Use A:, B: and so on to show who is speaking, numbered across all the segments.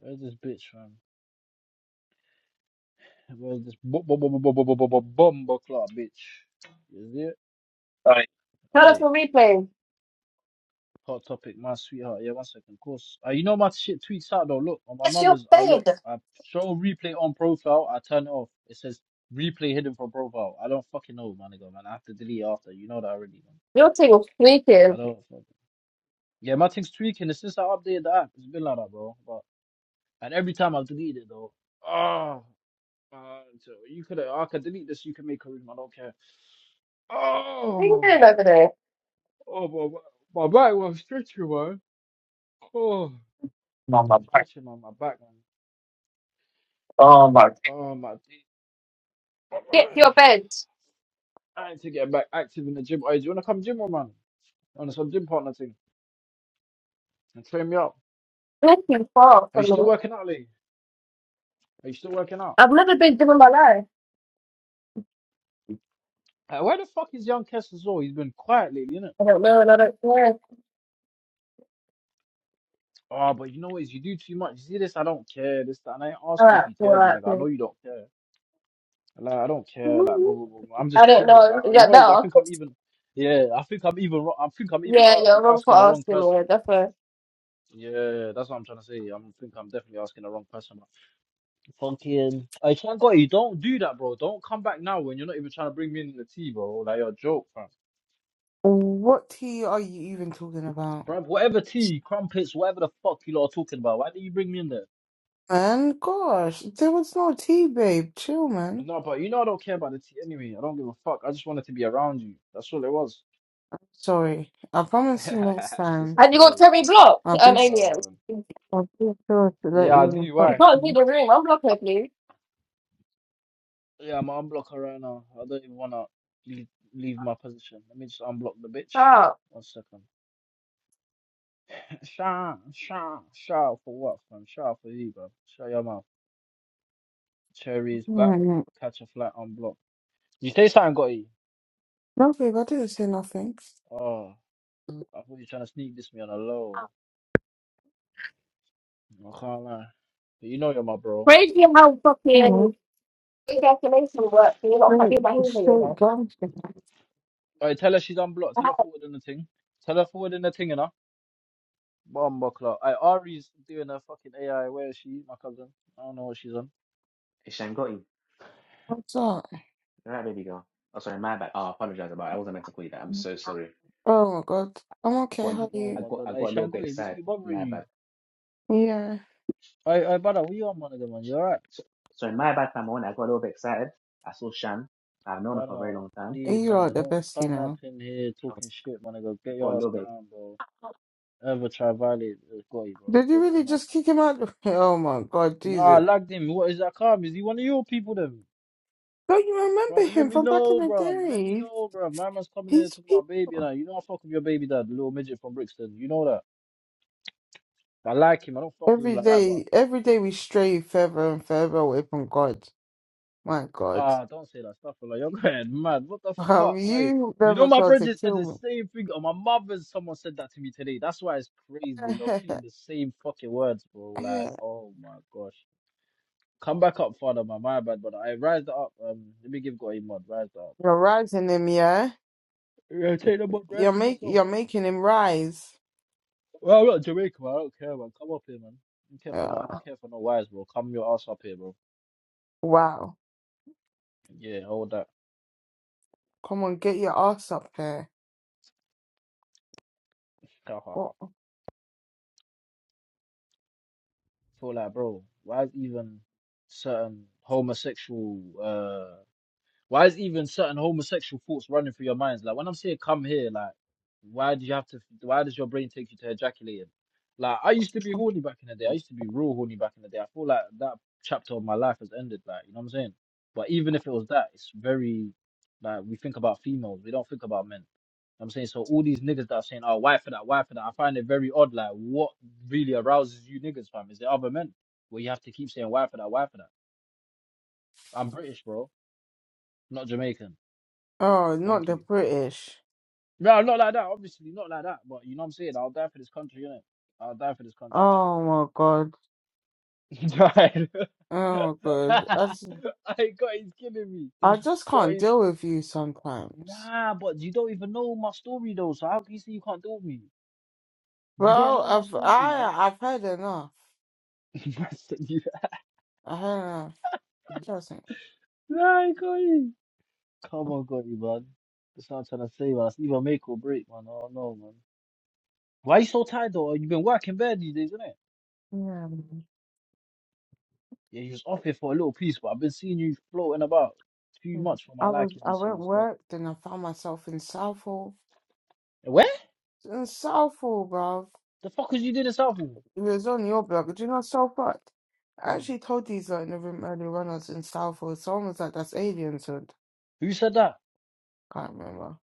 A: Where's this bitch, fam? Where's this bu- bu- bu- bu- bu- bu- bu- bu- bu- bumbo clock, bitch? Is it?
B: Sorry, Cut up
A: Aye.
B: for replay.
A: Hot topic, my sweetheart. Yeah, one second. Of course. Uh, you know my shit tweets out though. Look, on my mother's. I look. I show replay on profile. I turn it off. It says replay hidden from profile. I don't fucking know, my nigga, man. I have to delete it after. You know that already, man.
B: Your thing was
A: I
B: sneaking.
A: don't fucking. Yeah, my thing's tweaking. It's since I updated the app. It's been like that, bro. But and every time I've deleted it though. Oh, man. So you could. I could delete this. You can make a room. I don't care.
B: What are you
A: Oh,
B: doing over there?
A: oh, my, my back was stretching, man. Oh,
B: No, am my
A: I'm
B: back.
A: stretching on my back, man.
B: Oh my.
A: Oh, my teeth.
B: Get to your bed.
A: I need to get back active in the gym. Hey, do you want to come gym, with, man? On some gym partner thing and train me up.
B: Thank you far
A: Are you
B: from me.
A: still working out, Lee? Are you still working out?
B: I've never been given my life.
A: Uh, where the fuck is young Kes as well? He's been quiet lately, innit?
B: I don't know and I don't care.
A: Oh, but you know what? is You do too much. You see this? I don't care. This, that. And I ain't ask you
B: Alright,
A: if you cared, my
B: alright,
A: nigga. I know
B: then.
A: you don't care. Like I don't care. Like blah blah blah. blah. I'm
B: I
A: just
B: don't
A: curious. I,
B: know. Is
A: I- you
B: that
A: know, it's- I
B: better?
A: think I'm even. Yeah, I think I'm even. wro- I think I'm even
B: Yeah, you're
A: a-
B: wrong for
A: asking the wrong
B: asking me.
A: person.
B: Yeah, that's fair.
A: Yeah, that's what I'm trying to say. i think I'm definitely asking the wrong person. Fucking, I can't go. You don't do that, bro. Don't come back now when you're not even trying to bring me in the tea, bro. Like you're a joke, fam.
C: What tea are you even talking about?
A: Bro, whatever tea, crumpets, whatever the fuck you lot are talking about. Why did you bring me in there?
C: Man, gosh, there was no tea, babe. Chill, man.
A: No, but you know I don't care about the tea anyway. I don't give a fuck. I just wanted to be around you. That's all it was.
C: Sorry. I promise you next
A: She
C: time.
A: said
B: Have you got
A: sorry.
B: Terry blocked?
C: I'll be
B: An alien.
A: Oh.
C: I'll be sure to let
A: Yeah, I
C: you in
A: do.
C: fuck
B: You
A: Why?
B: can't see
C: me.
B: the room. Unblock her, please.
A: Yeah, I'm gonna unblock her right now. I don't even wanna leave, leave my position. Let me just unblock the bitch.
B: Oh,
A: One second. Sha, sha, sha for what, fam? Sha for you, bro. Shut your mouth. Cherry's back.
C: Mm.
A: Catch a flat, unblock. You say something, got you?
C: No, babe, I didn't say nothing.
A: Oh,
C: Come
A: I thought you were trying to sneak this me on a low. I can't lie. But you know you're my bro.
B: crazy how fucking
C: on,
B: ejaculation works. and You're not
C: straight,
B: fucking behaving
C: straight gangster.
A: Alright, tell her she's unblocked.
B: again.
A: Tell her forward in the thing. Tell her forward in the thing, you know? Bomb buckler. I Ari's doing her fucking AI. Where is she? My cousin. I don't know what she's on.
D: Hisham got you.
C: What's up?
D: All right, baby girl. Oh, sorry, my bad. Oh, I apologize about it. I wasn't meant to call you that. I'm so sorry.
C: Oh my god. I'm
D: I
C: okay,
D: got,
C: how are
A: Oh
D: I
C: you?
A: my
D: got,
A: god.
D: I got
A: Hey
D: a little
A: Shango,
D: bit
A: this
D: excited.
A: keep bothering
D: My
A: you.
D: bad.
C: Yeah.
A: Hey, hey brother, where you at, my nigga, man? You alright?
D: So, sorry, my bad, Famone. I got a little bit excited. I saw Shan. I've known her for a very
A: Brother,
D: long time.
A: please,
C: You
A: my
C: are
A: nigga,
C: the
A: don't
C: best, you
A: come up
C: know.
A: in here talking shit, my nigga.
D: I
A: Get
D: got
A: your
D: a
A: ass
D: little bit
A: down, bro. Ever try violate it's got you, bro.
C: Did you
A: You're going
C: really
A: mad.
C: just kick him out? Oh my god,
A: Nah, I
C: Jesus.
A: lagged him. What is that calm? Is he one of your people then?
C: Don't you
A: Bro,
C: remember
A: let
C: him
A: me
C: from back in
A: know,
C: the
A: bro. Let me
C: day?
A: know, bro. My man's coming in here
C: He's
A: talking about baby and
C: people.
A: that. You know I fuck with your baby dad, the little midget from Brixton. You know that. I like him. I don't fuck with him
C: Every
A: like that, but
C: day, every day we stray further and further away from God. My God.
A: Ah, don't say that stuff, like you're going mad. What the
C: Have
A: fuck? I,
C: you
A: you know,
C: never
A: my
C: felt to
A: brother said the
C: kill
A: same thing. Or my mother, someone said that to me today. That's why it's crazy.
C: me?
A: You're repeating the same fucking words, bro. Like,
C: you're
A: oh my gosh. Come back up, father, man. My bad, but I rise up. Um, let me give God a mod. Rise up,
C: rising him, yeah?
A: bro. Yeah, take the mod.
C: You're
A: Rise him
C: make
A: yourself.
C: you're making him rise.
A: Well, I'm not Jamaican, man. I don't care, man. Come up here, man. I don't care for no. I
C: Yeah.
A: don't care for no wise, bro. Come your ass up here, bro.
C: wow.
A: Yeah, hold that.
C: Come on, get your ass up here. What?
A: feel like, bro, why is even certain homosexual uh why is even certain homosexual thoughts running through your minds? Like when I'm saying come here, like why do you have to? Why does your brain take you to ejaculating? Like I used to be horny back in the day. I used to be real horny back in the day. I feel like that chapter of my life has ended. Like you know what I'm saying. But even if it was that, it's very like we think about females. We don't think about men. You know what I'm saying so. All these niggas that are saying, "Oh, why for that? Why for that?" I find it very odd. Like, what really arouses you niggas, fam? Is it other men? Where you have to keep saying, "Why for that? Why for that?" I'm British, bro, not Jamaican.
C: Oh, not
A: Thank
C: the
A: you.
C: British.
A: No, not like that. Obviously, not like that. But you know what I'm saying. I'll die for this country, innit? I'll die for this country still.
C: Oh my God.
A: Right.
C: Oh my God. I just,
A: I got he's killing me.
C: I just
A: Got
C: can't
A: his
C: deal with you sometimes.
A: nah, but you don't even know my story though. So how can you say you can't deal with me? You don't
C: Well,
A: know my
C: I've
A: story, man.
C: I I've heard enough.
A: Man said you-
C: I heard enough. Trust me.
A: nah, got Come on, got you, man. That's what I'm trying to say, man. It's either make or break, man. I don't know, man. Why you so tired though? You've been working bad these days, innit?
C: Yeah.
A: Yeah, you was off here for a little piece, but I've been seeing you floating about too
C: yeah.
A: much for my
C: I was
A: liking
C: I went
A: recently. Still,
C: worked and I found myself in Southall.
A: where
C: In Southall, bruv.
A: the fuck was you doing in Southall?
C: It was on your blog. Do you know Southport? I
A: Mm.
C: actually told these like, in the room earlier when I was in Southall. Someone was like, "That's aliens." I
A: Who said that?
C: can't remember.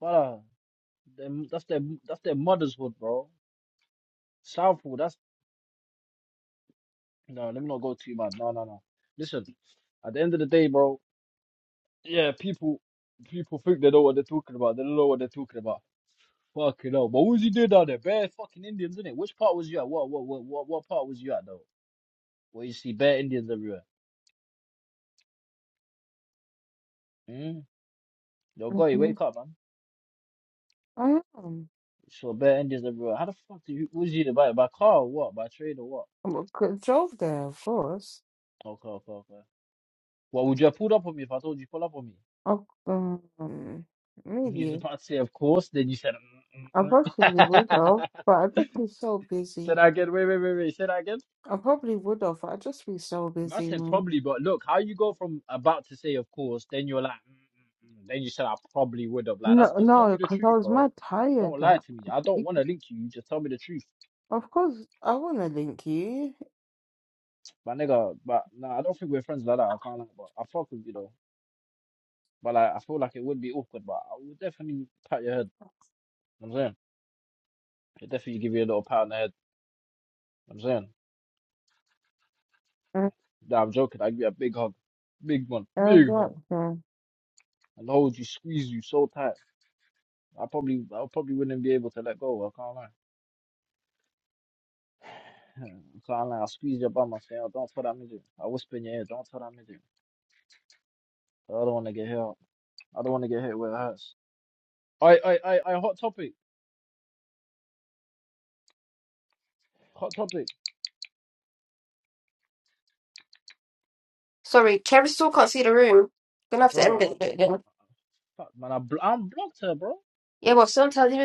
A: Wow, them, that's their that's their mother's hood, bro. Southall, that's no. Let me not go too mad. No, no, no. Listen, at the end of the day, bro. Yeah, people people think they know what they're talking about. They don't know what they're talking about. Fucking hell. But what was you doing down there? Bare fucking Indians, innit? Which part was you at? What what what what, what part was you at though? Where you see bare Indians everywhere. Mm? Yo, go,
C: Mm-hmm.
A: wake up, man.
C: I am.
A: So bad Indians everywhere. How the fuck do you? Was you to buy it by car or what? By train or what?
C: I drove there, of course.
A: Okay, okay, okay. Well, would you have pulled up on me if I told you pull up on me?
C: I, um,
A: You was
C: maybe
A: about to say of course. Then you said,
C: I
A: mm, mm,
C: possibly would have,
A: mm.
C: but I just been so busy.
A: said I again. Wait, wait, wait, wait. Said I again.
C: I probably would have. I'd just be so
A: I
C: busy,
A: said
C: man.
A: probably, but look, how you go from about to say of course, then you're like, mm, mm, mm. then you said I probably would have. Like that's
C: No,
A: just tell
C: no,
A: me the
C: because I
A: truth,
C: was
A: bro.
C: mad tired.
A: Don't lie
C: Like,
A: to me. I don't
C: it-
A: want to link you. You just tell me the truth,
C: of course, I want to link you.
A: my nigga. But nah, I don't think we're friends like that. I can't lie, but I fuck with you though. But like, I feel like it would be awkward, but I would definitely pat your head. You know what I'm saying, it definitely give you a little pat on the head. You know what I'm saying,
C: Uh,
A: nah, I'm joking. I give you a big hug, big one,
C: uh,
A: big hug,
C: what?
A: and hold you, squeeze you so tight. I probably, I probably wouldn't be able to let go. I can't lie. I can't lie. I squeeze your bum. I say, oh, don't tell that midget. I whisper in your ear, don't tell that midget. I don't want to get hit. I don't want to get hit where it hurts. I, I, I, I. Hot topic, hot topic,
B: Sorry, Terry still can't see the room. Gonna have to
A: bro. I
B: end it
A: don't,
B: again.
A: fuck, man. I, bl- I'm blocked her, bro.
B: Yeah, well, sometimes even